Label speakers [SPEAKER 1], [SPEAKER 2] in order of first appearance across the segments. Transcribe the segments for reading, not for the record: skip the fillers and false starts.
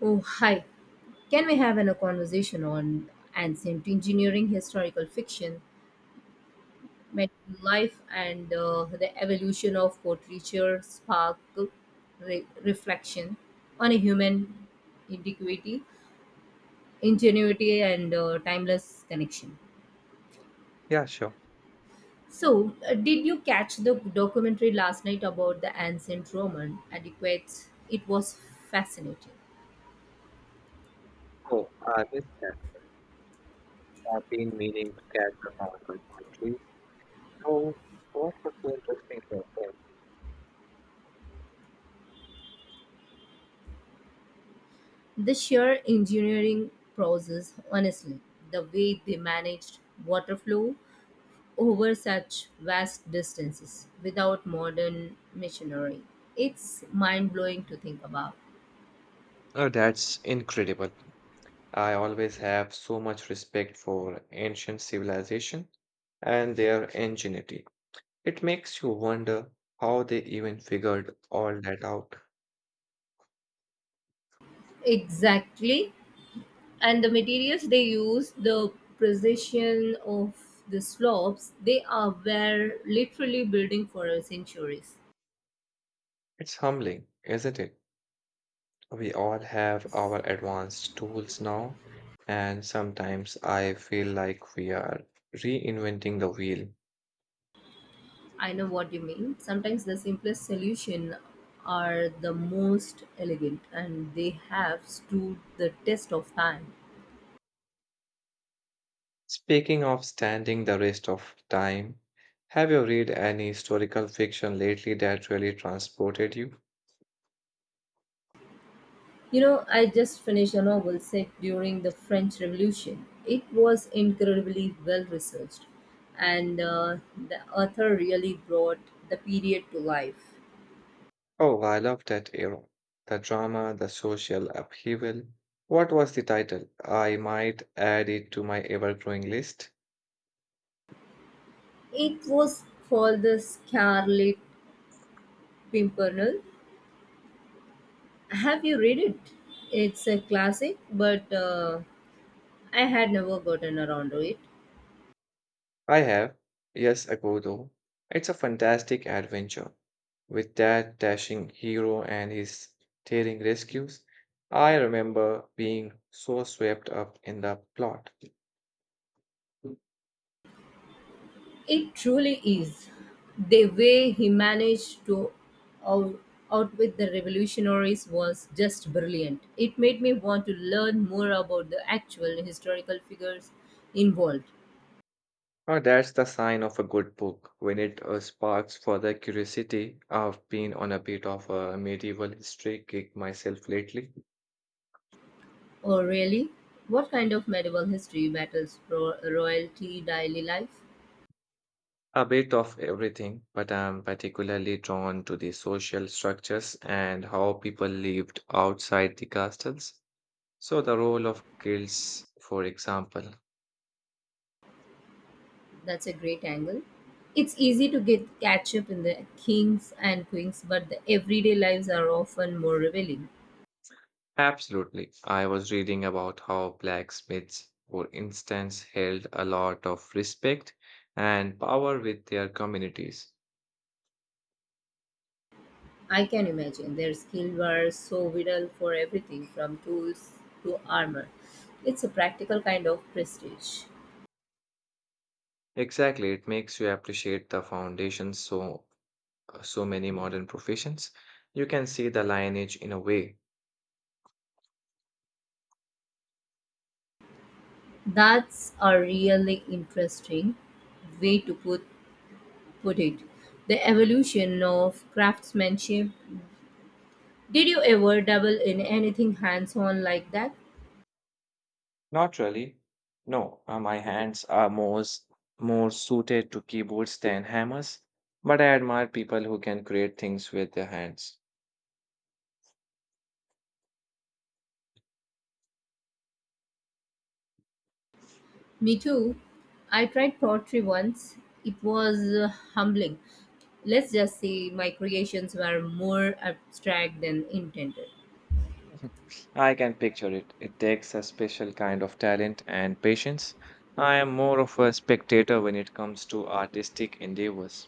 [SPEAKER 1] Oh, hi. Can we have a conversation on ancient engineering, historical fiction, medieval life, and the evolution of portraiture, spark, reflection on a human indiquity, ingenuity, and timeless connection?
[SPEAKER 2] Yeah, sure.
[SPEAKER 1] So, did you catch the documentary last night about the ancient Roman adequates? It was fascinating.
[SPEAKER 2] Oh, I missed that. I've been meaning to catch up on the country. So, what was so interesting about that?
[SPEAKER 1] The sheer engineering process, honestly, the way they managed water flow over such vast distances without modern machinery, it's mind blowing to think about.
[SPEAKER 2] Oh, that's incredible. I always have so much respect for ancient civilization and their ingenuity. It makes you wonder how they even figured all that out.
[SPEAKER 1] Exactly. And the materials they use, the precision of the slopes, they are were literally building for centuries.
[SPEAKER 2] It's humbling, isn't it? We all have our advanced tools now, and sometimes I feel like we are reinventing the wheel.
[SPEAKER 1] I know what you mean. Sometimes the simplest solution are the most elegant and they have stood the test of time.
[SPEAKER 2] Speaking of standing the rest of time, have you read any historical fiction lately that really transported you?
[SPEAKER 1] You know, I just finished a novel set during the French Revolution. It was incredibly well researched and the author really brought the period to life.
[SPEAKER 2] Oh, I love that era. The drama, the social upheaval. What was the title? I might add it to my ever growing list.
[SPEAKER 1] It was called The Scarlet Pimpernel. Have you read it? It's a classic, but I had never gotten around to it.
[SPEAKER 2] I have, yes, ago though. It's a fantastic adventure. With that dashing hero and his daring rescues, I remember being so swept up in the plot.
[SPEAKER 1] It truly is. The way he managed to out- outwit the revolutionaries was just brilliant. It made me want to learn more about the actual historical figures involved.
[SPEAKER 2] Oh, that's the sign of a good book when it sparks further curiosity. I've been on a bit of a medieval history kick myself lately,
[SPEAKER 1] Oh, really? What kind of medieval history battles royalty daily life?
[SPEAKER 2] a bit of everything, but I'm particularly drawn to the social structures and how people lived outside the castles. So, the role of guilds, for example.
[SPEAKER 1] That's a great angle. It's easy to get catch up in the kings and queens, but the everyday lives are often more revealing.
[SPEAKER 2] Absolutely. I was reading about how blacksmiths, for instance, held a lot of respect and power with their communities.
[SPEAKER 1] I can imagine their skills were so vital for everything from tools to armor. It's a practical kind of prestige.
[SPEAKER 2] Exactly, it makes you appreciate the foundations so many modern professions. You can see the lineage in a way.
[SPEAKER 1] That's a really interesting way to put it. The evolution of craftsmanship. Did you ever dabble in anything hands-on like that?
[SPEAKER 2] Not really. No, my hands are more suited to keyboards than hammers, but I admire people who can create things with their hands.
[SPEAKER 1] Me too. I tried pottery once. It was humbling. Let's just say my creations were more abstract than intended.
[SPEAKER 2] I can picture it. It takes a special kind of talent and patience. I am more of a spectator when it comes to artistic endeavors.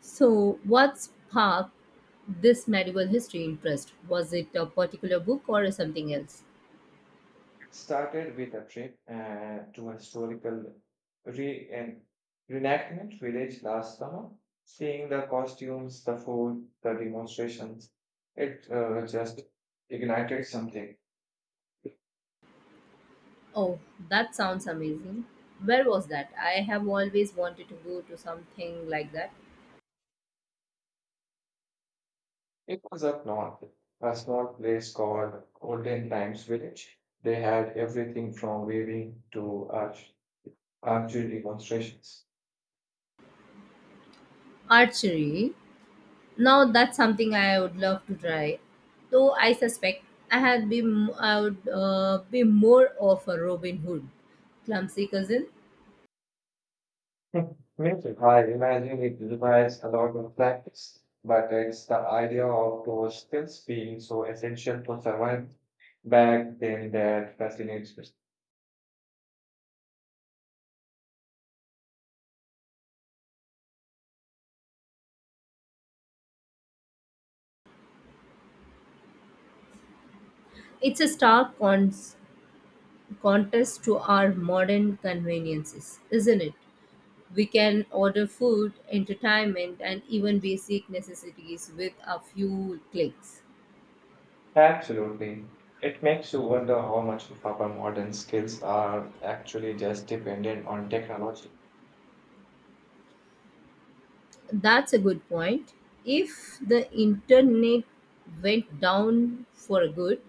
[SPEAKER 1] So, what sparked this medieval history interest? Was it a particular book or something else?
[SPEAKER 2] Started with a trip to a historical re- en- reenactment village last summer. Seeing the costumes, the food, the demonstrations, it just ignited something.
[SPEAKER 1] Oh, that sounds amazing. Where was that? I have always wanted to go to something like that.
[SPEAKER 2] It was up north, a small place called Olden Times Village. They had everything from weaving to archery demonstrations.
[SPEAKER 1] Archery. Now that's something I would love to try. Though I suspect I had be I would be more of a Robin Hood, clumsy cousin.
[SPEAKER 2] Music, I imagine it requires a lot of practice, but it's the idea of those skills being so essential for survival back then that fascinates me.
[SPEAKER 1] It's a stark contest to our modern conveniences, isn't it? We can order food, entertainment, and even basic necessities with a few clicks.
[SPEAKER 2] Absolutely. It makes you wonder how much of our modern skills are actually just dependent on technology.
[SPEAKER 1] That's a good point. If the internet went down for good,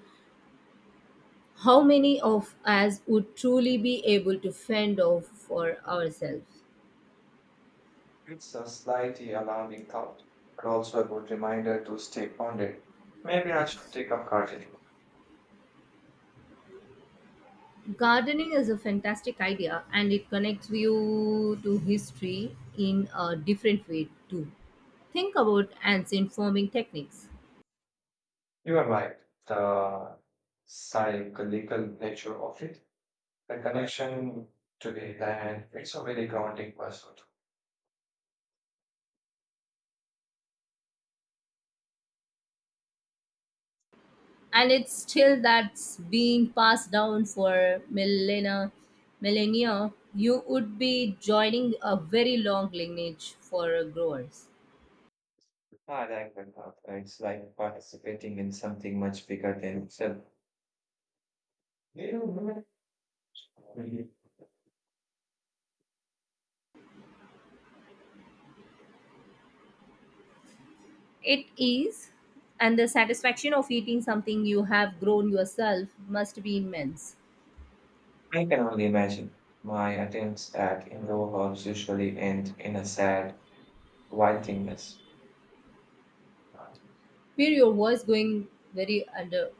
[SPEAKER 1] how many of us would truly be able to fend off for ourselves?
[SPEAKER 2] It's a slightly alarming thought, but also a good reminder to stay grounded. Maybe I should take up gardening.
[SPEAKER 1] Gardening is a fantastic idea and it connects you to history in a different way too. Think about ancient farming techniques.
[SPEAKER 2] You are right. The psychological nature of it. The connection to the land, it's a very grounding pursuit.
[SPEAKER 1] And it's still that's being passed down for millennia, you would be joining a very long lineage for growers.
[SPEAKER 2] I like that thought. It's like participating in something much bigger than itself. Mhm.
[SPEAKER 1] It is, and the satisfaction of eating something you have grown yourself must be immense.
[SPEAKER 2] I can only imagine my attempts at indoor hobbies usually end in a sad, wildingness.
[SPEAKER 1] Where your voice going very under?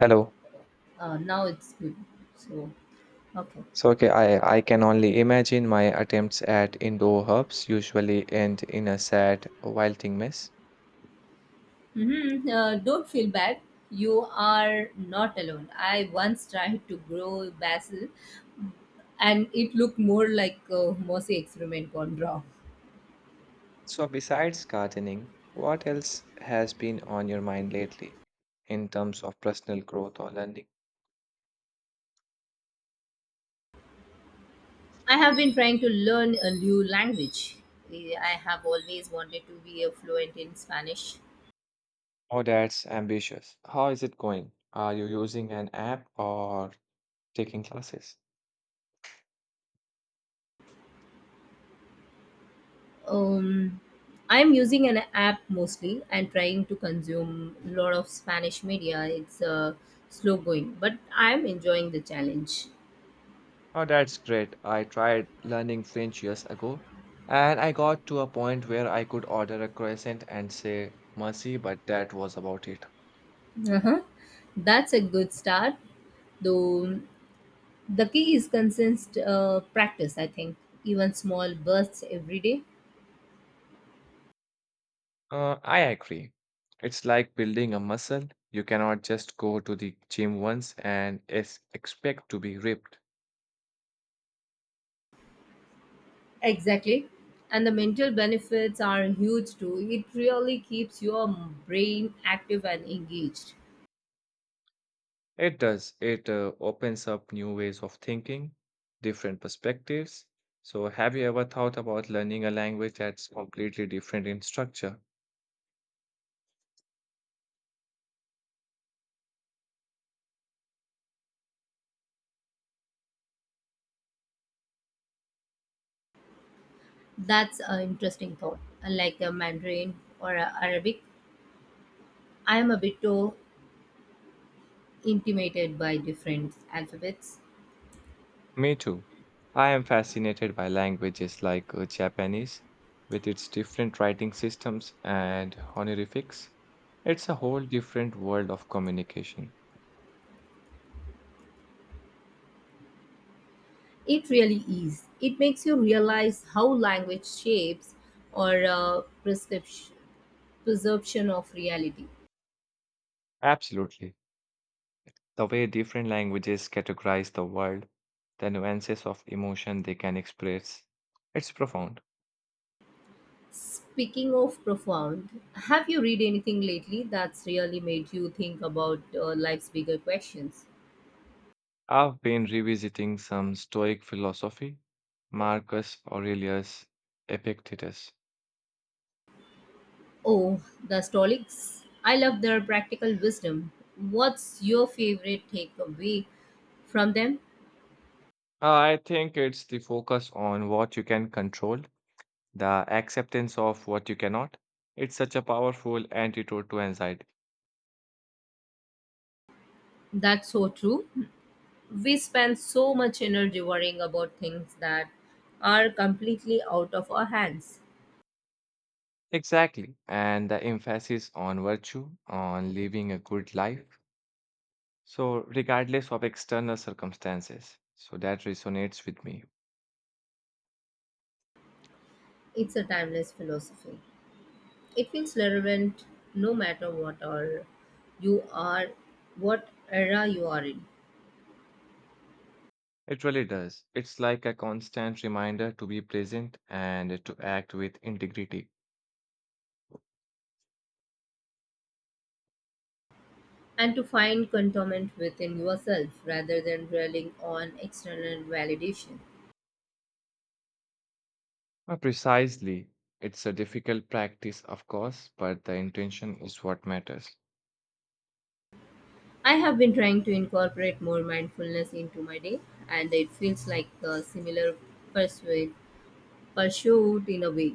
[SPEAKER 2] Hello.
[SPEAKER 1] Now it's good. So, okay.
[SPEAKER 2] So okay, I can only imagine my attempts at indoor herbs usually end in a sad, wild mess.
[SPEAKER 1] Mm-hmm. Don't feel bad, you are not alone. I once tried to grow basil and it looked more like a Morse experiment gone wrong.
[SPEAKER 2] So, besides gardening, what else has been on your mind lately in terms of personal growth or learning?
[SPEAKER 1] I have been trying to learn a new language. I have always wanted to be a fluent in Spanish.
[SPEAKER 2] Oh, that's ambitious. How is it going? Are you using an app or taking classes?
[SPEAKER 1] Um, I'm using an app mostly and trying to consume a lot of Spanish media. It's slow going, but I'm enjoying the challenge.
[SPEAKER 2] Oh, that's great. I tried learning French years ago, and I got to a point where I could order a croissant and say merci, but that was about it.
[SPEAKER 1] Uh-huh. That's a good start, though. The key is consist practice. I think even small bursts every day.
[SPEAKER 2] I agree. It's like building a muscle. You cannot just go to the gym once and expect to be ripped.
[SPEAKER 1] Exactly. And the mental benefits are huge too. It really keeps your brain active and engaged.
[SPEAKER 2] It does. It opens up new ways of thinking, different perspectives. So, have you ever thought about learning a language that's completely different in structure?
[SPEAKER 1] That's an interesting thought. Unlike a Mandarin or a Arabic, I am a bit too intimidated by different alphabets.
[SPEAKER 2] Me too. I am fascinated by languages like Japanese, with its different writing systems and honorifics. It's a whole different world of communication.
[SPEAKER 1] It really is. It makes you realize how language shapes or uh, prescription, perception of reality.
[SPEAKER 2] Absolutely. The way different languages categorize the world, the nuances of emotion they can express, it's profound.
[SPEAKER 1] Speaking of profound, have you read anything lately that's really made you think about life's bigger questions?
[SPEAKER 2] I've been revisiting some Stoic philosophy, Marcus Aurelius Epictetus.
[SPEAKER 1] Oh, the Stoics. I love their practical wisdom. What's your favorite takeaway from them?
[SPEAKER 2] I think it's the focus on what you can control, the acceptance of what you cannot. It's such a powerful antidote to anxiety.
[SPEAKER 1] That's so true. We spend so much energy worrying about things that are completely out of our hands.
[SPEAKER 2] Exactly. And the emphasis on virtue, on living a good life. So, regardless of external circumstances. So, that resonates with me.
[SPEAKER 1] It's a timeless philosophy. It feels relevant no matter what or you are, what era you are in,
[SPEAKER 2] It really does. It's like a constant reminder to be present and to act with integrity.
[SPEAKER 1] and to find contentment within yourself rather than relying on external validation.
[SPEAKER 2] Precisely. It's a difficult practice, of course, but the intention is what matters.
[SPEAKER 1] I have been trying to incorporate more mindfulness into my day, and it feels like a similar pursuit, pursuit in a way.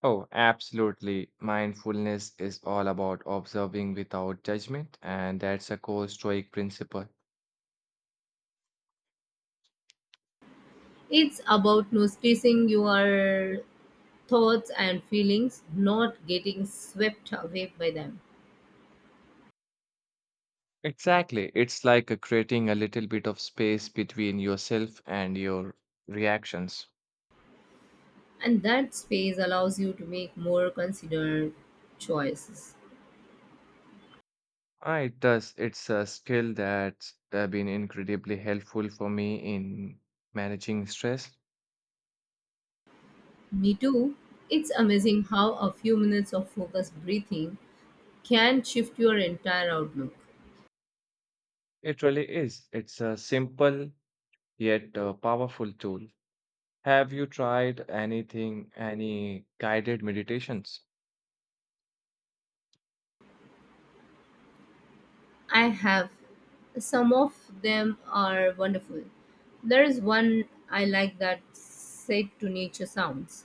[SPEAKER 2] Oh, absolutely. Mindfulness is all about observing without judgment, and that's a core Stoic principle.
[SPEAKER 1] It's about noticing your thoughts and feelings, not getting swept away by them.
[SPEAKER 2] Exactly. It's like creating a little bit of space between yourself and your reactions.
[SPEAKER 1] And that space allows you to make more considered choices.
[SPEAKER 2] Ah, it does. It's a skill that's been incredibly helpful for me in managing stress.
[SPEAKER 1] Me too. It's amazing how a few minutes of focused breathing can shift your entire outlook.
[SPEAKER 2] It really is. It's a simple yet powerful tool. Have you tried anything, any guided meditations?
[SPEAKER 1] I have. Some of them are wonderful. There is one I like that said to nature sounds.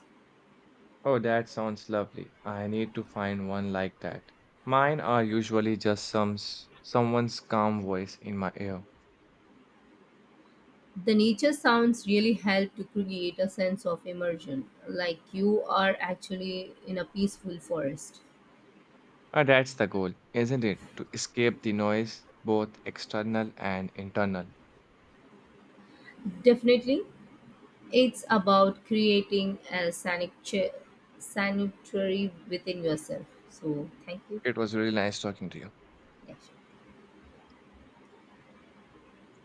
[SPEAKER 2] Oh, that sounds lovely. I need to find one like that. Mine are usually just someone's calm voice in my ear.
[SPEAKER 1] The nature sounds really help to create a sense of immersion, like you are actually in a peaceful forest.
[SPEAKER 2] Ah, that's the goal, isn't it? To escape the noise, both external and internal.
[SPEAKER 1] Definitely, it's about creating a sanctuary within yourself. So, thank you.
[SPEAKER 2] It was really nice talking to you.
[SPEAKER 1] Yeah, sure.